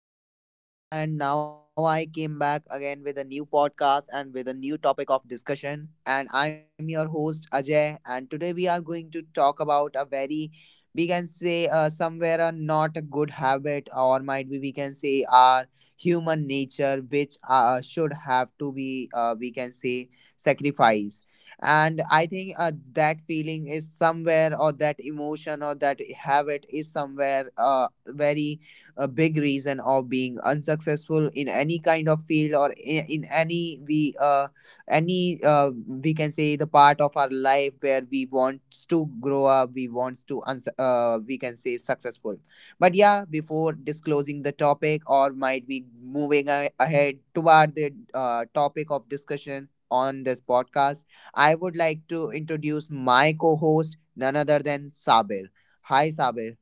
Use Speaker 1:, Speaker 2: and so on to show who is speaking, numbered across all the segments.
Speaker 1: Ajay this side, and now I came back again with a new podcast and with a new topic of discussion. And I'm your host Ajay, and today we are going to talk about a very, we can say, somewhere a not a good habit, or might be we can say our human nature, which should have to be, we can say, sacrifice. And I think that feeling is somewhere, or that emotion, or that habit is somewhere very a big reason of being unsuccessful in any kind of field or in any we can say the part of our life where we want to grow up, we want to we can say successful. But yeah, before disclosing the topic or might be moving ahead toward the topic of discussion on this podcast, I would like to introduce my co-host, none other than Sabir. Hi, Sabir.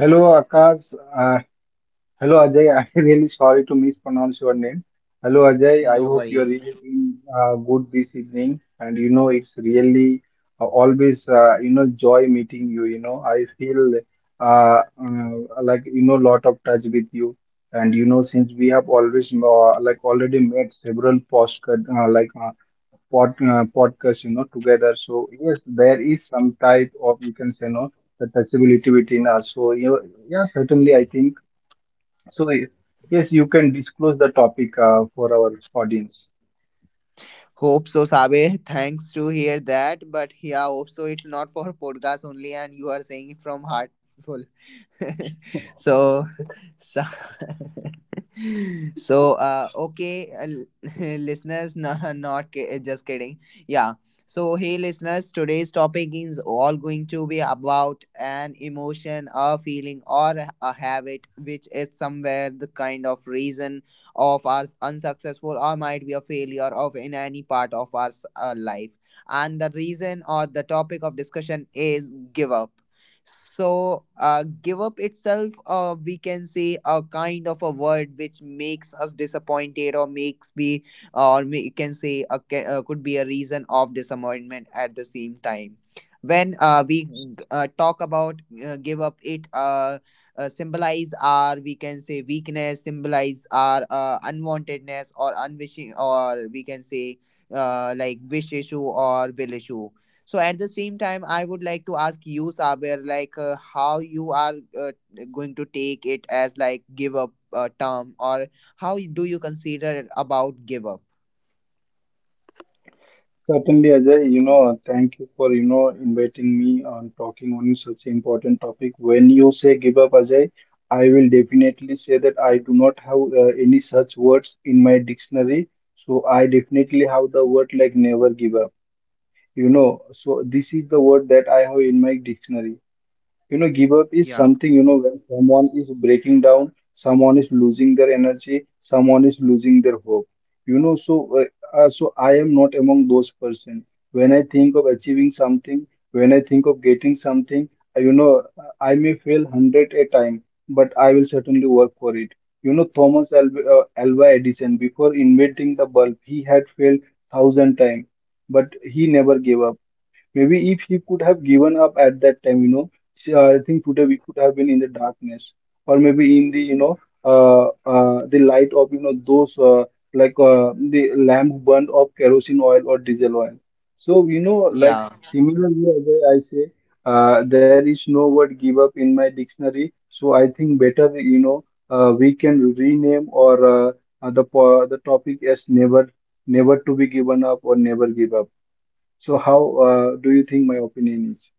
Speaker 2: Hello Akash uh, Hello Ajay, I'm really sorry to mispronounce your name. Hello Ajay, I
Speaker 1: No
Speaker 2: hope you're
Speaker 1: worries.
Speaker 2: really doing, good this evening. And it's really always joy meeting you. I feel uh, uh, like lot of touch with you. And since we have always like already made several postcard podcast together, so yes there is some type of, you can say, no, the touchability between us. So, yeah, certainly I think so. Yes, you can disclose the topic, for our audience.
Speaker 1: Hope so, Sabe. Thanks to hear that. But yeah, hope so. It's not for podcast only, and you are saying it from heartful. so, so, okay, listeners, no, not just kidding. Yeah. So, hey, listeners, today's topic is all going to be about an emotion, a feeling, or a habit, which is somewhere the kind of reason of our unsuccessful or might be a failure of in any part of our life. And the reason or the topic of discussion is give up. So give up itself, we can say a kind of a word which makes us disappointed or makes be, or we can say could be a reason of disappointment. At the same time, when we talk about give up, it symbolize our, we can say, weakness, symbolize our unwantedness or unwishing, or we can say like wish issue or will issue. So at the same time, I would like to ask you, Saber, like how you are uh, going to take it as like give up term, or how do you consider about give up?
Speaker 2: Certainly, Ajay, thank you for, inviting me on talking on such important topic. When you say give up, Ajay, I will definitely say that I do not have any such words in my dictionary. So I definitely have the word like never give up. So this is the word that I have in my dictionary. Give up is
Speaker 1: Yeah.
Speaker 2: something, when someone is breaking down, someone is losing their energy, someone is losing their hope. So I am not among those person. When I think of achieving something, when I think of getting something, I may fail hundred a time, but I will certainly work for it. Thomas Alva, Alva Edison, before inventing the bulb, he had failed thousand times, but he never gave up. Maybe if he could have given up at that time, I think today we could have been in the darkness, or maybe in the light of those the lamp burned of kerosene oil or diesel oil. So, like
Speaker 1: Yeah.
Speaker 2: similarly, where I say, there is no word give up in my dictionary. So I think better, we can rename, or the topic as never to be given up, or never give up. So how, do you think my opinion is?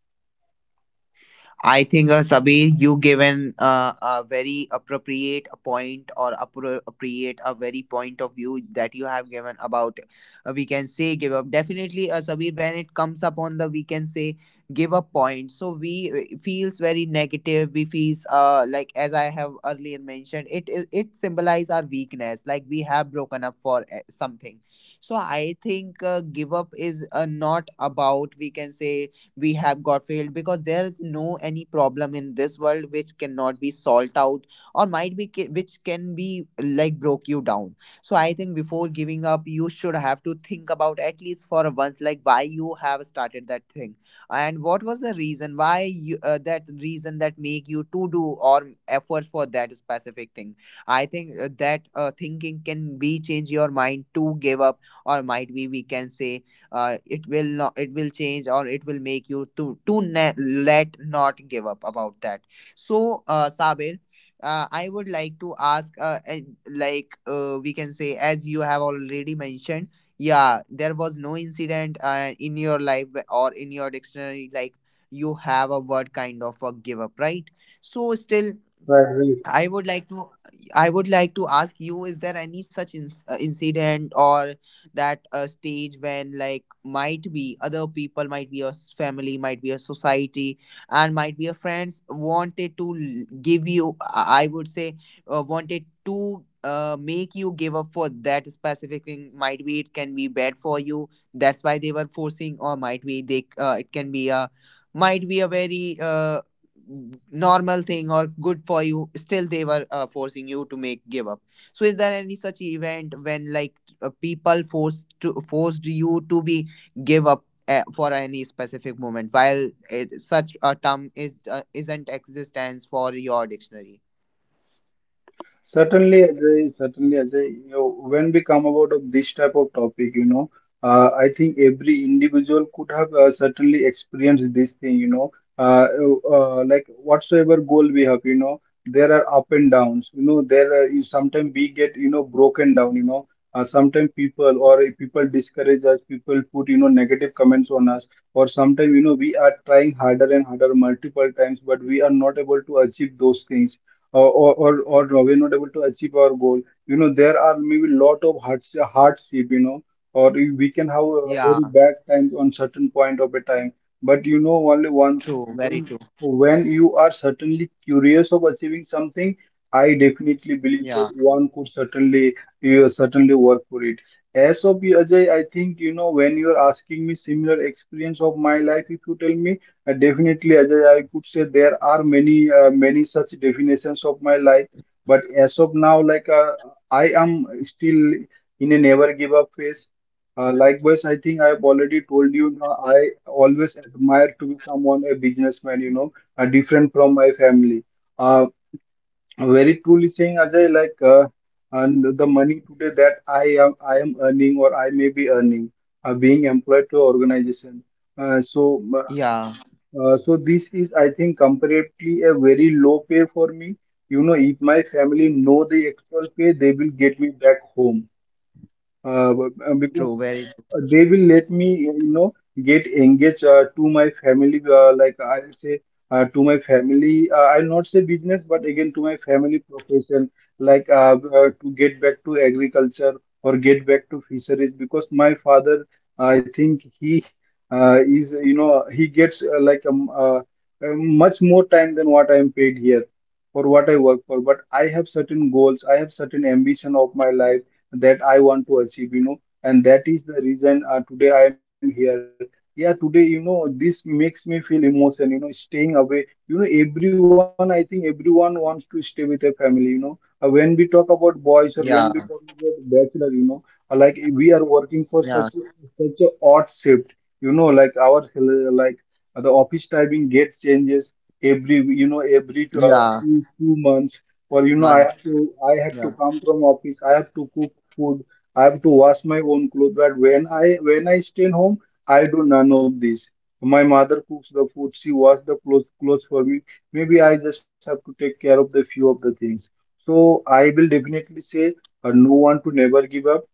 Speaker 1: I think, Sabir, you given a very appropriate point or appropriate, a very point of view that you have given about, we can say, give up. Definitely, Sabir, when it comes upon the, we can say, give up point. So we it feels very negative. We feels like, as I have earlier mentioned, it symbolize our weakness. Like we have broken up for something. So I think give up is not about, we can say, we have got failed, because there is no any problem in this world which cannot be solved out, or might be which can be like broke you down. So I think before giving up, you should have to think about at least for once, like why you have started that thing, and what was the reason, why you that reason that make you to do or efforts for that specific thing. I think that thinking can be change your mind to give up, or might be we can say it will not, it will change, or it will make you to let not give up about that. So Sabir, I would like to ask, and like, we can say, as you have already mentioned, yeah, there was no incident in your life or in your dictionary, like you have a word kind of a give up, right? So still,
Speaker 2: I agree.
Speaker 1: I would like to I would like to ask you, is there any such incident, or that stage, when like might be other people, might be your family, might be your society, and might be your friends wanted to give you, I would say, wanted to make you give up for that specific thing? Might be it can be bad for you, that's why they were forcing, or might be they, it can be a, might be a very normal thing or good for you, still they were forcing you to make give up. So is there any such event when like people forced you to be give up for any specific moment, while it, such a term is isn't existence for your dictionary?
Speaker 2: Certainly, Ajay. Certainly, Ajay. You When we come about of this type of topic, I think every individual could have, certainly experienced this thing, uh, like whatsoever goal we have, there are up and downs. There are, you sometimes we get, broken down. Sometimes people, or if people discourage us, people put, negative comments on us. Or sometimes, we are trying harder and harder multiple times, but we are not able to achieve those things, or or or, or we're not able to achieve our goal. There are maybe lot of hards hardship, or we can have a
Speaker 1: Yeah.
Speaker 2: very bad time on certain point of a time. But only one
Speaker 1: True, very true.
Speaker 2: thing, when you are certainly curious of achieving something, I definitely believe
Speaker 1: Yeah,
Speaker 2: that one could certainly, you certainly work for it. As of you, Ajay, I think when you are asking me similar experience of my life, if you tell me, definitely, Ajay, I could say there are many, many such definitions of my life, but as of now, like I am still in a never give up phase. Likewise, I think I've already told you, I always admire to be someone a businessman, different from my family. Uh, Very truly saying, Ajay, like and the money today that I am earning, or I may be earning, being employed to organization. Uh, so uh,
Speaker 1: yeah.
Speaker 2: so this is, I think, comparatively a very low pay for me. You know, if my family know the actual pay, they will get me back home,
Speaker 1: True,
Speaker 2: because
Speaker 1: very true.
Speaker 2: they will let me, get engaged, to my family, like I say, to my family, I'll not say business but again to my family profession, like to get back to agriculture, or get back to fisheries. Because my father, I think he, is, he gets, like uh, much more time than what I am paid here for what I work for. But I have certain goals, I have certain ambition of my life that I want to achieve, and that is the reason, today I am here. Yeah, today, this makes me feel emotion, staying away. You know, everyone, I think everyone wants to stay with their family, you know. When we talk about boys,
Speaker 1: Yeah,
Speaker 2: or when we talk about bachelor, like we are working
Speaker 1: yeah,
Speaker 2: for such, such a odd shift, like our, like the office timing gets changes every, every two,
Speaker 1: yeah.
Speaker 2: two two months, or
Speaker 1: Month.
Speaker 2: I have to
Speaker 1: Yeah.
Speaker 2: I have to come from office. I have to cook food. I have to wash my own clothes. But when I stay in home, I do none of this. My mother cooks the food. She washes the clothes for me. Maybe I just have to take care of the few of the things. So I will definitely say, no one to never give up.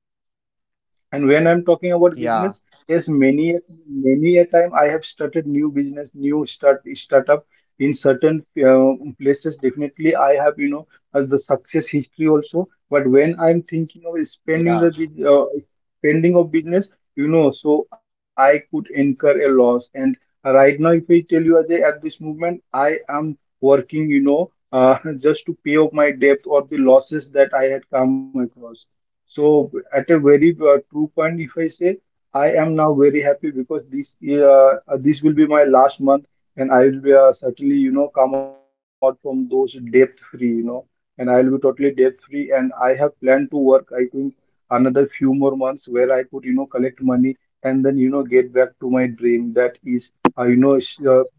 Speaker 2: And when I'm talking about business, yes,
Speaker 1: Yeah,
Speaker 2: many, many a time I have started new business, new startup in certain, uh, places. Definitely, I have, the success history also. But when I'm thinking of
Speaker 1: yeah,
Speaker 2: spending the spending of business, so I could incur a loss. And right now, if I tell you Ajay, at this moment, I am working, just to pay off my debt or the losses that I had come across. So at a very, true point, if I say, I am now very happy because this, this will be my last month, and I will be, certainly, come out from those debt free, and I will be totally debt free. And I have planned to work, I think, another few more months where I could, collect money, and then, get back to my dream, that is, uh, you know s- uh,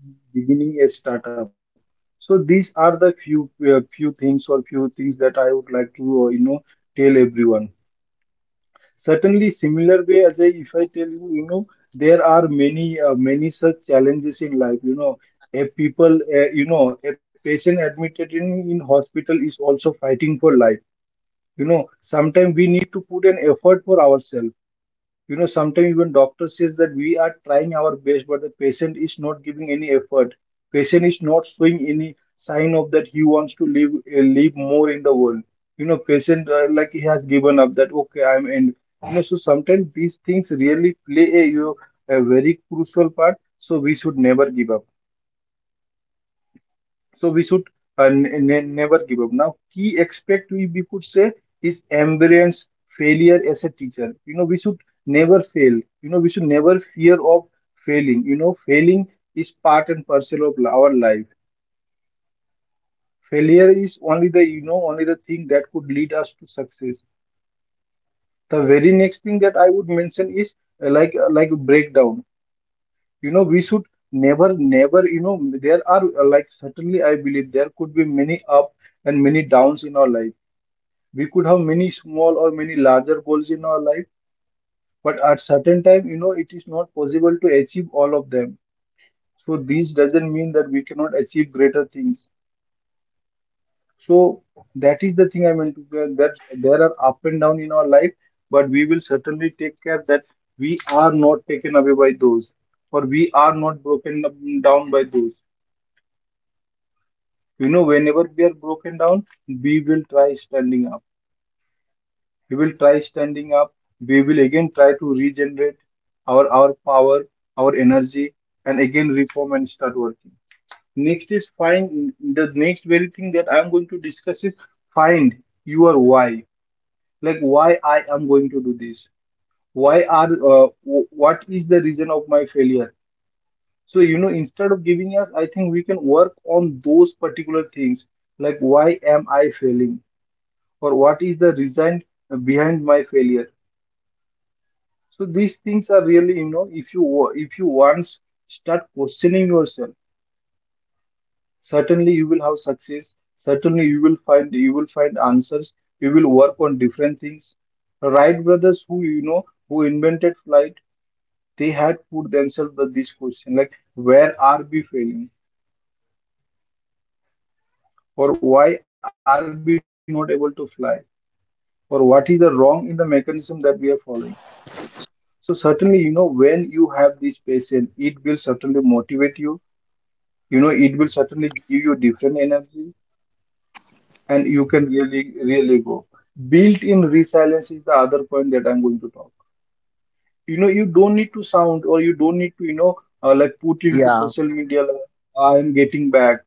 Speaker 2: beginning a startup. So these are the few, few things, or few things that I would like to, tell everyone. Certainly, similar way, Ajay, if I tell you, there are many, many such challenges in life. You know, a people, a patient admitted in hospital is also fighting for life. You know, sometimes we need to put an effort for ourselves. You know, sometimes even doctor says that we are trying our best, but the patient is not giving any effort. Patient is not showing any sign of that he wants to live, live more in the world. You know, patient, like he has given up that okay, I'm end. You know, so sometimes these things really play a, a very crucial part. So we should never give up. So we should, never give up. Now, key aspect we could say is embrace failure as a teacher. You know, we should never fail. You know, we should never fear of failing. You know, failing is part and parcel of our life. Failure is only the, only the thing that could lead us to success. The very next thing that I would mention is, like breakdown. We should never, never, there are, like certainly I believe there could be many up and many downs in our life. We could have many small or many larger goals in our life, but at certain time, you know, it is not possible to achieve all of them. So this doesn't mean that we cannot achieve greater things. So that is the thing I meant to say, that there are up and down in our life, but we will certainly take care that we are not taken away by those, or we are not down by those. You know, whenever we are broken down, we will try standing up. We will try standing up. We will again try to regenerate our power, our energy, and again reform and start working. Next is find the next very thing that I'm going to discuss is find your why. Like why I am going to do this. Why are, what is the reason of my failure? Instead of giving us, I think we can work on those particular things, like why am I failing or what is the reason behind my failure. So these things are really, you know, if you once start questioning yourself, certainly you will have success, certainly you will find answers, you will work on different things. Wright brothers, who, you know, who invented flight, they had put themselves the this question, like where are we failing or why are we not able to fly, or what is the wrong in the mechanism that we are following. So certainly, you know, when you have this passion, it will certainly motivate you. You know, it will certainly give you different energy, and you can really, really go. Built-in resilience is the other point that I'm going to talk. You know, you don't need to sound, or you don't need to, you know, like put into social
Speaker 1: yeah,
Speaker 2: media, like, I'm getting back,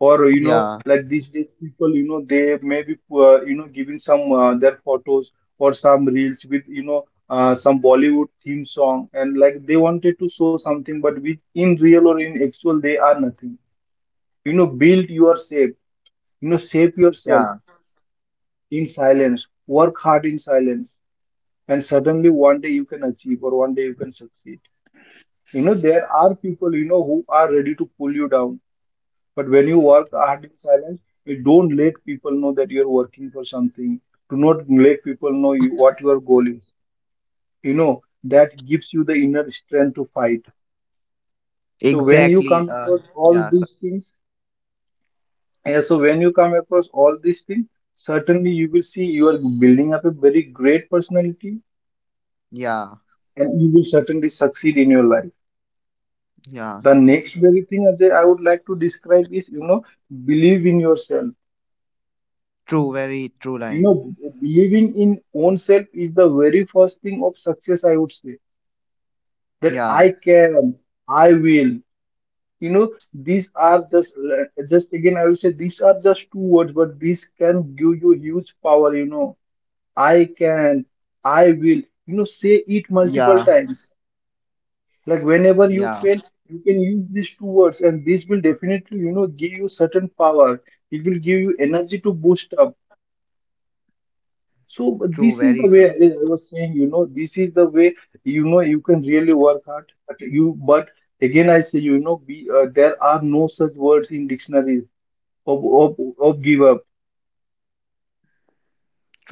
Speaker 2: or you know,
Speaker 1: yeah,
Speaker 2: like, people, you know, they may be you know, giving some their photos or some reels with, you know, some Bollywood theme song, and like they wanted to show something, but which in real or in actual they are nothing. You know, build yourself, you know, shape yourself,
Speaker 1: yeah.
Speaker 2: in silence, work hard in silence, and suddenly one day you can achieve, or one day you can succeed. You know, there are people, you know, who are ready to pull you down. But when you work hard in silence, you don't let people know that you're working for something. Do not let people know you, what your goal is. You know, that gives you the inner strength to fight. So when you come
Speaker 1: exactly
Speaker 2: across
Speaker 1: uh
Speaker 2: all
Speaker 1: yeah,
Speaker 2: these
Speaker 1: sir.
Speaker 2: things, yeah, so when you come across all these things, certainly you will see you are building up a very great personality,
Speaker 1: Yeah,
Speaker 2: and you will certainly succeed in your life. The
Speaker 1: yeah.
Speaker 2: next very thing that I would like to describe is, you know, believe in yourself.
Speaker 1: True, very true
Speaker 2: You
Speaker 1: line.
Speaker 2: know, believing in own self is the very first thing of success, I would say. That I
Speaker 1: Yeah,
Speaker 2: can, I will. You know, these are just again, I would say these are just two words, but these can give you huge power. You know, I can, I will. You know, say it multiple
Speaker 1: yeah,
Speaker 2: times. Like whenever you
Speaker 1: yeah.
Speaker 2: fail, you can use these two words, and this will definitely, you know, give you certain power. It will give you energy to boost up. So but this
Speaker 1: True,
Speaker 2: is the
Speaker 1: very
Speaker 2: way I
Speaker 1: true.
Speaker 2: I was saying, you know, this is the way, you know, you can really work hard. But you, but again, I say, you know, be there are no such words in dictionaries of give up.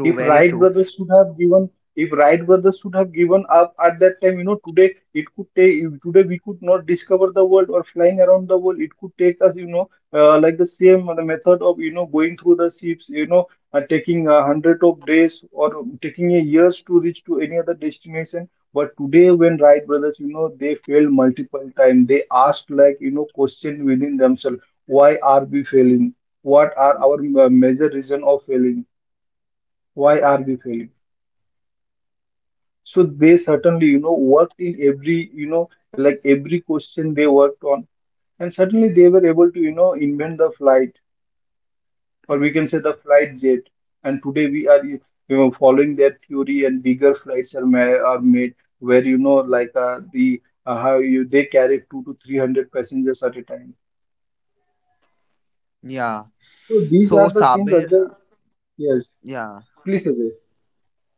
Speaker 2: If
Speaker 1: True, very
Speaker 2: right
Speaker 1: true.
Speaker 2: should have given, if Wright brothers should have given up at that time, you know, today we could not discover the world or flying around the world. It could take us, you know, like the same, the method of, you know, going through the ships, you know, taking a hundred of days or taking a years to reach to any other destination. But today, when Wright brothers, you know, they failed multiple times. They asked, like, you know, question within themselves: why are we failing? What are our major reason of failing? Why are we failing? So they certainly, you know, worked in every, you know, like every question they worked on. And certainly they were able to, you know, invent the flight, or we can say the flight jet. And today we are, you know, following their theory, and bigger flights are, ma are made, where, you know, like how you, they carry two to 300 passengers at a time.
Speaker 1: Yeah.
Speaker 2: So these
Speaker 1: So,
Speaker 2: are the things,
Speaker 1: Sabir,
Speaker 2: yes.
Speaker 1: yeah.
Speaker 2: Please, Ajay,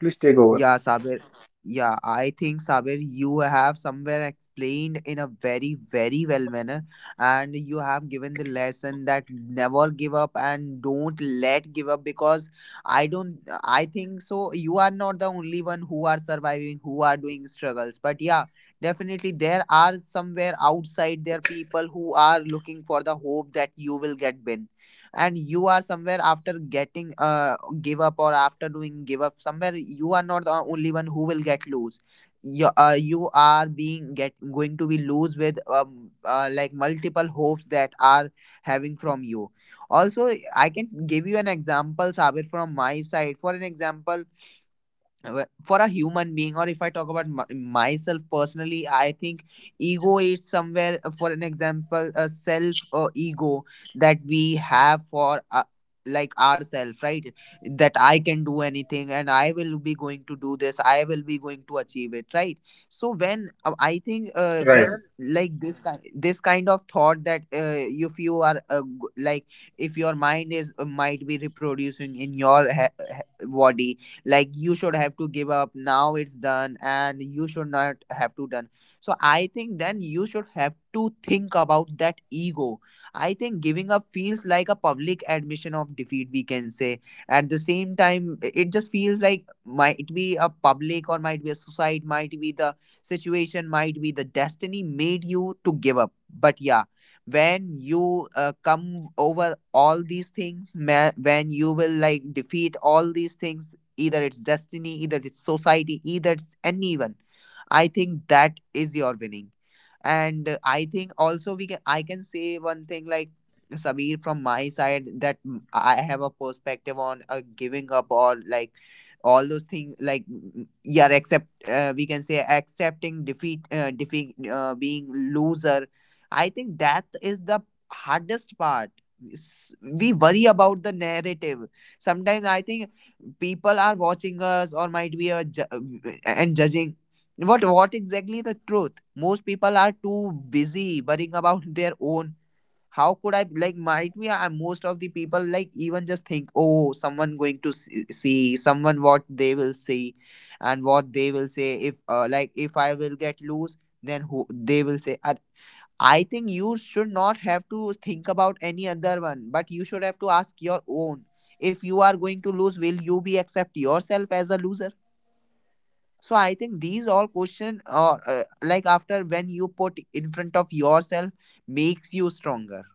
Speaker 2: please take over.
Speaker 1: Yeah, Sabir. Yeah, I think, Sabir, you have somewhere explained in a very, very well manner, and you have given the lesson that never give up, and don't let give up, because I don't. I think so. You are not the only one who are surviving, who are doing struggles. But yeah, definitely there are somewhere outside there people who are looking for the hope that you will get win, and you are somewhere after getting give up, or after doing give up. Somewhere you are not the only one who will get lose. You are being get going to be lose with like multiple hopes that are having from you. Also, I can give you an example, Sabir, from my side. For an example, for a human being, or if I talk about myself personally, I think ego is somewhere, for an example, a self ego that we have for, like, ourselves, right? That I can do anything, and I will be going to do this, I will be going to achieve it, right? So when, I
Speaker 2: Right,
Speaker 1: think, when like this kind of thought that, if you are like, if your mind is, might be reproducing in your body, like you should have to give up now, it's done, and you should not have to done, so I think then you should have to think about that ego. I think giving up feels like a public admission of defeat, we can say. At the same time, it just feels like, might be a public, or might be a society, might be the situation, might be the destiny made you to give up. But yeah, when you come over all these things, when you will like defeat all these things, either it's destiny, either it's society, either it's anyone, I think that is your winning. And I think also, we can I can say one thing, like, Sabir, from my side, that I have a perspective on giving up, or like all those things, like, yeah, accept, we can say, accepting defeat, being loser. I think that is the hardest part. S- we worry about the narrative. Sometimes I think people are watching us, or might be a and judging. What exactly the truth? Most people are too busy worrying about their own. How could I, like, might be most of the people like even just think, "Oh, someone going to see, someone, what they will see, and what they will say, if like, if I will get loose, then who they will say, Ah." I think you should not have to think about any other one, but you should have to ask your own. If you are going to lose, will you be accept yourself as a loser? So I think these all question or, like, after when you put in front of yourself, makes you stronger.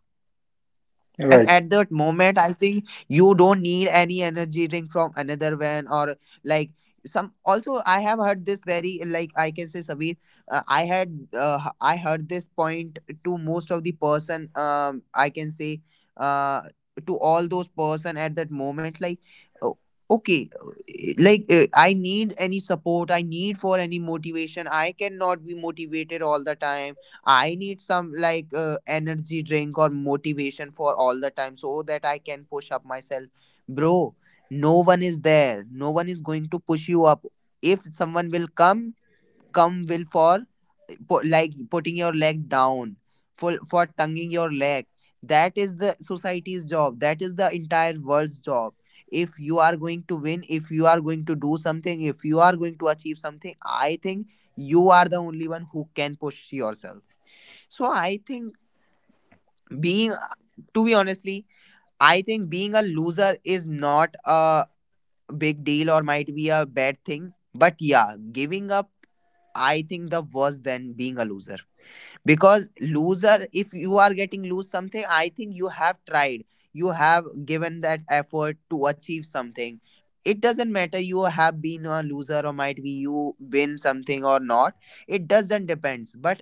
Speaker 1: And
Speaker 2: right,
Speaker 1: at that moment, I think you don't need any energy drink from another van or like some. Also, I have heard this, very like I can say, Sabir. I had I heard this point to most of the person. I can say, uh, to all those person at that moment, like, oh, okay, like I need any support, I need for any motivation. I cannot be motivated all the time, I need some like energy drink or motivation for all the time, so that I can push up myself. Bro, no one is there. No one is going to push you up. If someone will come, come will for like putting your leg down, for tonguing your leg. That is the society's job. That is the entire world's job. If you are going to win, if you are going to do something, if you are going to achieve something, I think you are the only one who can push yourself. So I think being, to be honestly, I think being a loser is not a big deal or might be a bad thing. But yeah, giving up, I think the worse than being a loser. Because loser, if you are getting lose something, I think you have tried. You have given that effort to achieve something. It doesn't matter you have been a loser or might be you win something or not. It doesn't depends. But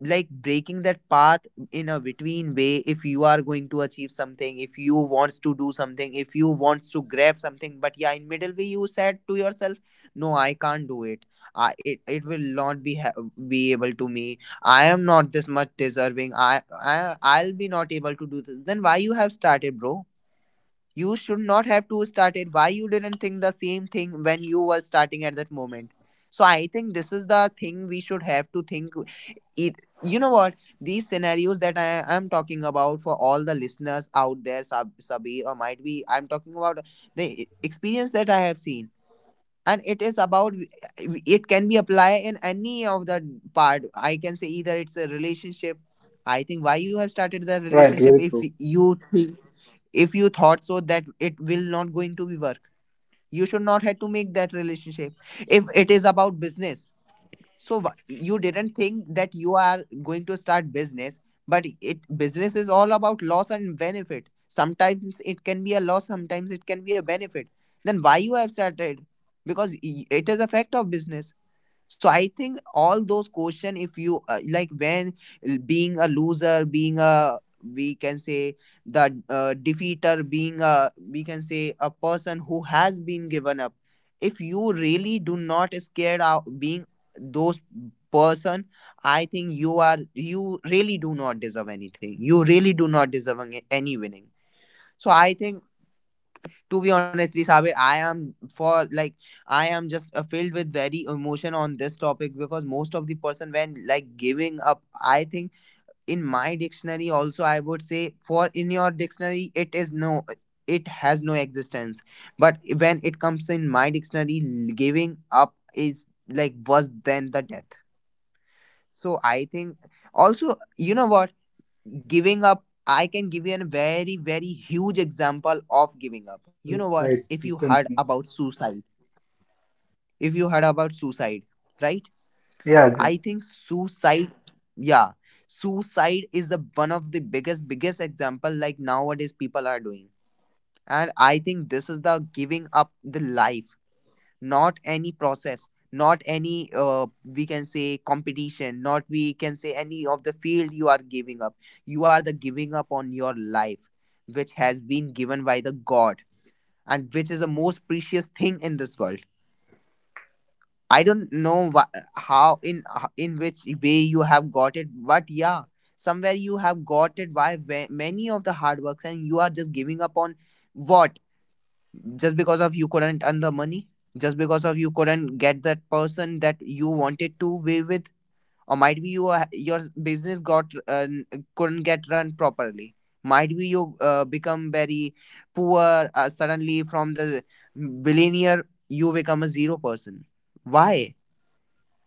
Speaker 1: like breaking that path in a between way, if you are going to achieve something, if you wants to do something, if you wants to grab something, but yeah, in middle way you said to yourself, no, I can't do it, it will not be be able to me. I am not this much deserving. I'll be not able to do this. Then why you have started, bro? You should not have to start it. Why you didn't think the same thing when you were starting at that moment? So I think this is the thing we should have to think. It you know what These scenarios that I am talking about for all the listeners out there, Sabir, or might be I'm talking about the experience that I have seen, and it is about, it can be applied in any of the part. I can say either it's a relationship. I think why you have started the
Speaker 2: right, very
Speaker 1: relationship
Speaker 2: true.
Speaker 1: if you think, if you thought so that it will not going to be work, you should not have to make that relationship. If it is about business, so you didn't think that you are going to start business, but it business is all about loss and benefit. Sometimes it can be a loss, sometimes it can be a benefit. Then why you have started, because it is a fact of business. So I think all those question, if you like, when being a loser, being a, we can say, the defeater, being a, we can say a person who has been given up, if you really do not scared of being those person, I think you are, you really do not deserve anything. You really do not deserve any winning. So I think, to be honestly, Sabir, I am, for like, I am just filled with very emotion on this topic, because most of the person when like giving up, I think, in my dictionary also, I would say for, in your dictionary it is no, it has no existence. But when it comes in my dictionary, giving up is like worse than the death. So I think, also you know what, giving up, I can give you a very, very huge example of giving up.
Speaker 2: Uh,
Speaker 1: You know
Speaker 2: Right,
Speaker 1: what,
Speaker 2: please
Speaker 1: if you
Speaker 2: continue.
Speaker 1: heard about suicide, if you heard about suicide, right?
Speaker 2: Yeah,
Speaker 1: I think suicide, yeah, suicide is the one of the biggest example like nowadays people are doing. And I think this is the giving up the life, not any process, not any we can say competition, not we can say any of the field you are giving up. You are the giving up on your life, which has been given by the god, and which is the most precious thing in this world. I don't know how, in which way you have got it, but yeah, somewhere you have got it by many of the hard works, and you are just giving up on what? Just because of you couldn't earn the money, just because of you couldn't get that person that you wanted to be with, or might be you your business got couldn't get run properly, might be you become very poor suddenly. From the billionaire you become a zero person. Why?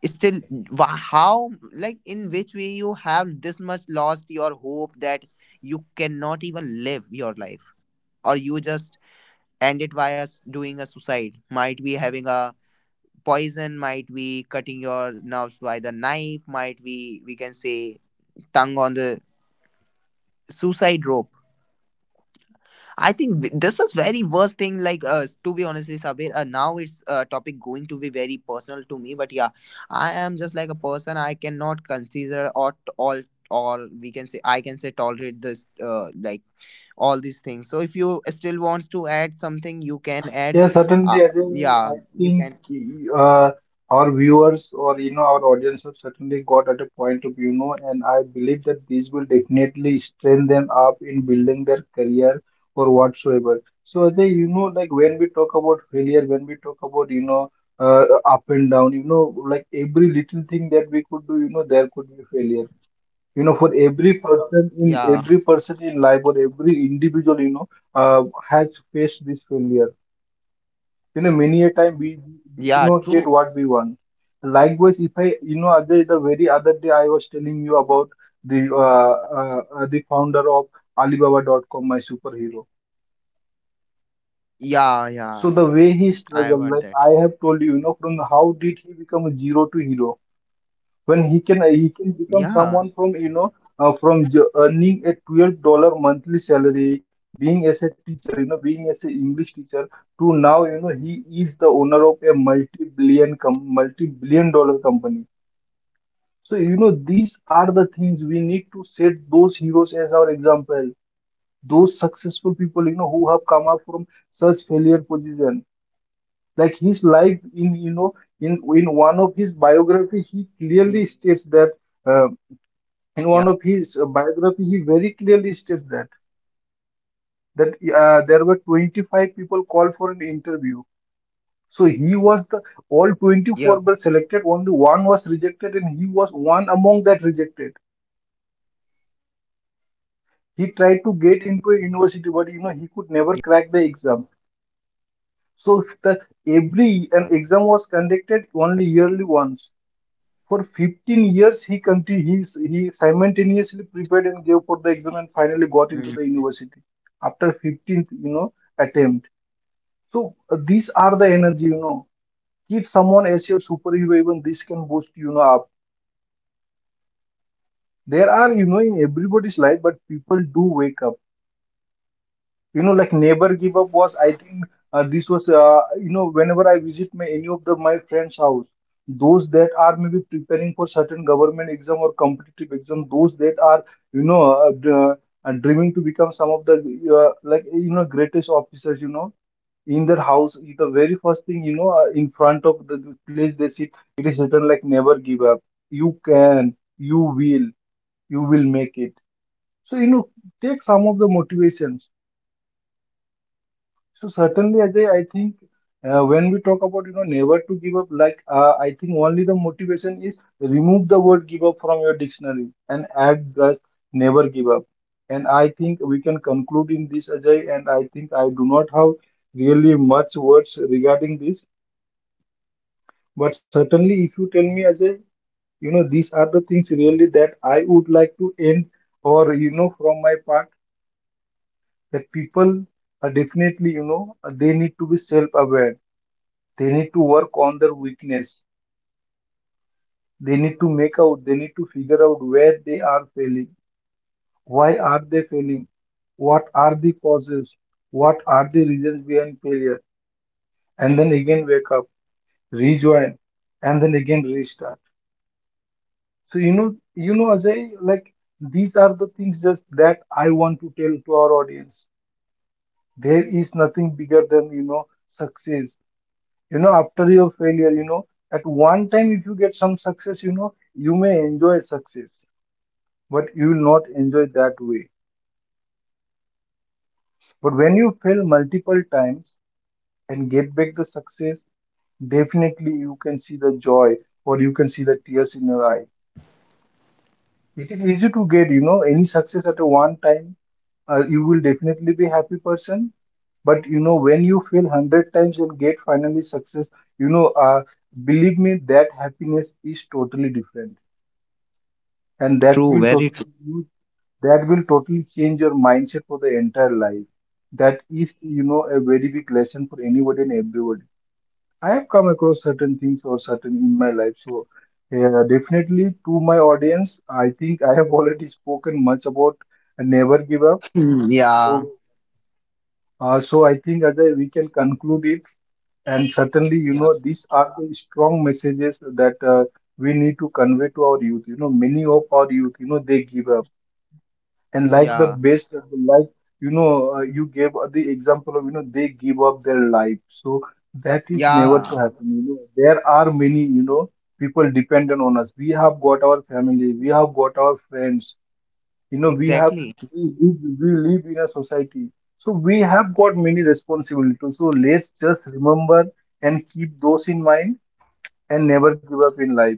Speaker 1: Still, how, like in which way you have this much lost your hope that you cannot even live your life, or you just end it via doing a suicide, might be having a poison, might be cutting your nerves by the knife, might be we can say tongue on the suicide rope. I think this is very worst thing like. To be honestly, Sabir, now it's a topic going to be very personal to me, but yeah, I am just like a person, I cannot consider or all, or we can say I can say tolerate this like all these things. So if you still wants to add something, you can add.
Speaker 2: yeah, certainly,
Speaker 1: uh,
Speaker 2: Ajay.
Speaker 1: yeah,
Speaker 2: I
Speaker 1: you
Speaker 2: think
Speaker 1: can.
Speaker 2: uh, our viewers, or you know, our audience have certainly got at a point of view, you know, and I believe that these will definitely strengthen them up in building their career or whatsoever. So Ajay, you know, like when we talk about failure, when we talk about, you know, uh, up and down, you know, like every little thing that we could do, you know, there could be failure. You know, for
Speaker 1: Yeah,
Speaker 2: every person in life, or every individual, you know, uh, has faced this failure. You know, many a time we
Speaker 1: yeah,
Speaker 2: do not
Speaker 1: true.
Speaker 2: get what we want. Likewise, if I, you know, Ajay, the very other day I was telling you about the founder of Alibaba.com, my superhero.
Speaker 1: Yeah, yeah,
Speaker 2: So the way he
Speaker 1: I have heard
Speaker 2: struggled,
Speaker 1: that.
Speaker 2: like I have told you, you know, from how did he become a zero to hero? When he can become
Speaker 1: Yeah,
Speaker 2: someone from, you know, from earning a $12 monthly salary, being as a teacher, you know, being as an English teacher, to now, you know, he is the owner of a multi billion com multi billion dollar company. So you know, these are the things, we need to set those heroes as our example, those successful people, you know, who have come up from such failure position, like his life. In, you
Speaker 1: yeah,
Speaker 2: know, in one of his biography he clearly states that, uh, in one of his biography, he very clearly states that that there were 25 people called for an interview. So he was the all
Speaker 1: yeah,
Speaker 2: 24 were selected, only one was rejected, and he was one among that rejected.
Speaker 1: yeah,
Speaker 2: He tried to get into a university, but you know he could never crack the exam. So every an exam was conducted only yearly once. For 15 years, he conti- he, s- he simultaneously prepared and gave for
Speaker 1: mm,
Speaker 2: the exam, and finally got into the university after 15th, you know, attempt. So these are the
Speaker 1: yeah,
Speaker 2: energy, you know. Keep someone as your superhero, even this can boost, you know, up. There are, you know, in everybody's life,
Speaker 1: very true.
Speaker 2: but people do wake up. You know, like, never give up was, I think, this was you know, whenever I visit my any of the my friends house, those that are maybe preparing for certain government exam or competitive exam, those that are, you know, uh, d- dreaming to become some of the like, you know, greatest officers, you know, in their house, the very first thing, you know, in front of the place they sit, it is written like never give up. You can, you will, you will make it. So you know, take some of the motivations. So certainly, Ajay, I think when we talk about, you know, never to give up, like, I think only the motivation is remove the word give up from your dictionary and add just never give up. And I think we can conclude in this, Ajay. And I think I do not have really much words regarding this, but certainly if you tell me, Ajay, you know, these are the things really that I would like to end, or you know, from my part, that people are definitely, you know, they need to be self-aware. They need to work on their weakness. They need to make out, they need to figure out where they are failing. Why are they failing? What are the causes? What are the reasons behind failure? And then again wake up, rejoin, and then again restart. So you know, Ajay, like, these are the things just that I want to tell to our audience. There is nothing bigger than, you know, success. You know, after your failure, you know, at one time if you get some success, you know, you may enjoy success, but you will not enjoy that way. But when you fail multiple times and get back the success, definitely you can see the joy, or you can see the tears in your eye. It is easy to get, you know, any success at a one time. You will definitely be happy person, but you know, when you fail 100 times and get finally success, you know, believe me, that happiness is totally different, and that
Speaker 1: True,
Speaker 2: will
Speaker 1: very true.
Speaker 2: totally you- that will totally change your mindset for the entire life. That is, you know, a very big lesson for anybody and everybody. I have come across certain things or certain in my life, so yeah, definitely to my audience, I think I have already spoken much about never give up.
Speaker 1: Hmm.
Speaker 2: So
Speaker 1: Yeah,
Speaker 2: I think, Ajay, we can conclude it. And certainly, you
Speaker 1: yeah,
Speaker 2: know, these are the strong messages that we need to convey to our youth. You know, many of our youth, you know, they give up, and like the
Speaker 1: yeah,
Speaker 2: best, like, you know, you gave the example of, you know, they give up their life. So that is never to
Speaker 1: yeah,
Speaker 2: happen. You know, there are many, you know, people dependent on us, we have got our family, we have got our friends, you know,
Speaker 1: exactly.
Speaker 2: we, we, we live in a society, so we have got many responsibilities. So let's just remember and keep those in mind, and never give up in life.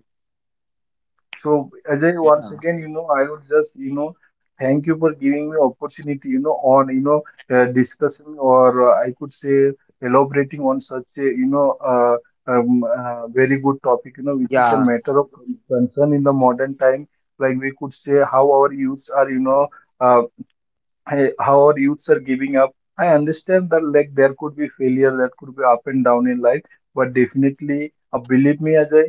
Speaker 2: So Ajay, once
Speaker 1: Yeah,
Speaker 2: again, you know, I would just, you know, thank you for giving me opportunity, you know, on, you know, discussing, or I could say elaborating on such a, you know, very good topic, you know, which is a
Speaker 1: yeah,
Speaker 2: matter of concern in the modern time. Like we could say how our youths are, you know, uh, how our youths are giving up. I understand that like there could be failure, that could be up and down in life, but definitely, believe me, Ajay,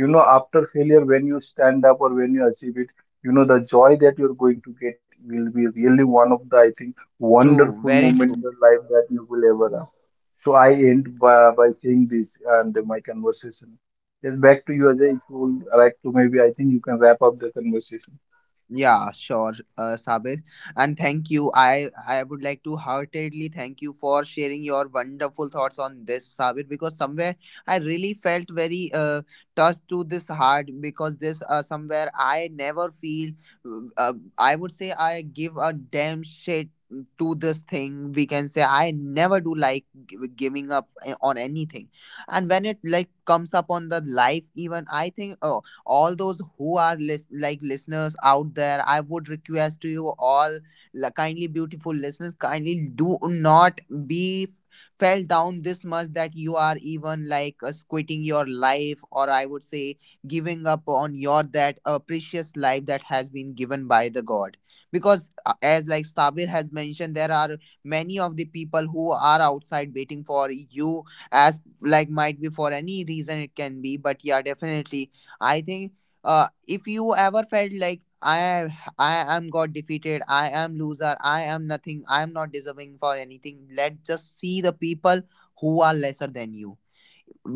Speaker 2: you know, after failure, when you stand up or when you achieve it, you know, the joy that you're going to get will be really one of the, I think,
Speaker 1: true,
Speaker 2: wonderful
Speaker 1: very
Speaker 2: moment in
Speaker 1: true.
Speaker 2: your life that you will ever have. So I end by saying this and my conversation. Yes, back to you, Ajay, if you would like to, maybe I think you can wrap up the conversation.
Speaker 1: Yeah, sure, Sabir. And thank you. I would like to heartedly thank you for sharing your wonderful thoughts on this, Sabir, because somewhere I really felt very touched to this heart, because this somewhere I never feel. I would say I give a damn shit to this thing. We can say I never do like giving up on anything, and when it like comes up on the life, even I think. All those who are like listeners out there, I would request to you all, kindly beautiful listeners, kindly do not be fell down this much that you are even like quitting your life, or I would say giving up on your that precious life that has been given by the god. Because as like Sabir has mentioned, there are many of the people who are outside waiting for you, as like might be for any reason it can be, but yeah, definitely I think if you ever felt like I am got defeated, I am loser, I am nothing, I am not deserving for anything, let's just see the people who are lesser than you,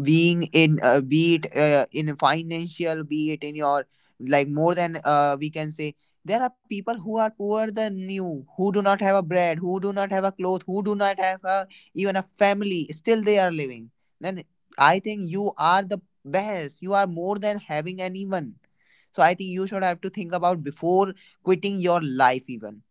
Speaker 1: being in be it in financial, be it in your like more than we can say, there are people who are poorer than you, who do not have a bread, who do not have a cloth, who do not have a, even a family, still they are living. Then I think you are the best, you are more than having anyone. So I think you should have to think about before quitting your life even.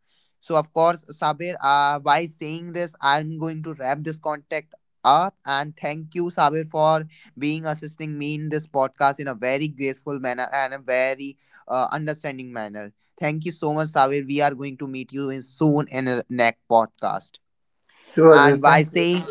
Speaker 1: So of course, Sabir, by saying this, I'm going to wrap this contact up. And thank you, Sabir, for being assisting me in this podcast in a very graceful manner and a very understanding manner. Thank you so much, Sabir. We are going to meet you in soon in the next podcast.
Speaker 2: Sure, Ajay,
Speaker 1: And by
Speaker 2: thank you.
Speaker 1: saying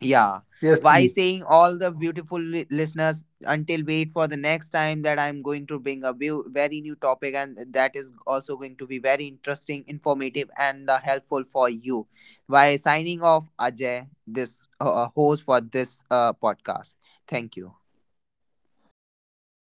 Speaker 1: yeah.
Speaker 2: Yes,
Speaker 1: Why
Speaker 2: please.
Speaker 1: saying all the beautiful listeners, until wait for the next time that I'm going to bring a very new topic, and that is also going to be very interesting, informative, and helpful for you. By signing off, Ajay, this host for this podcast. Thank you.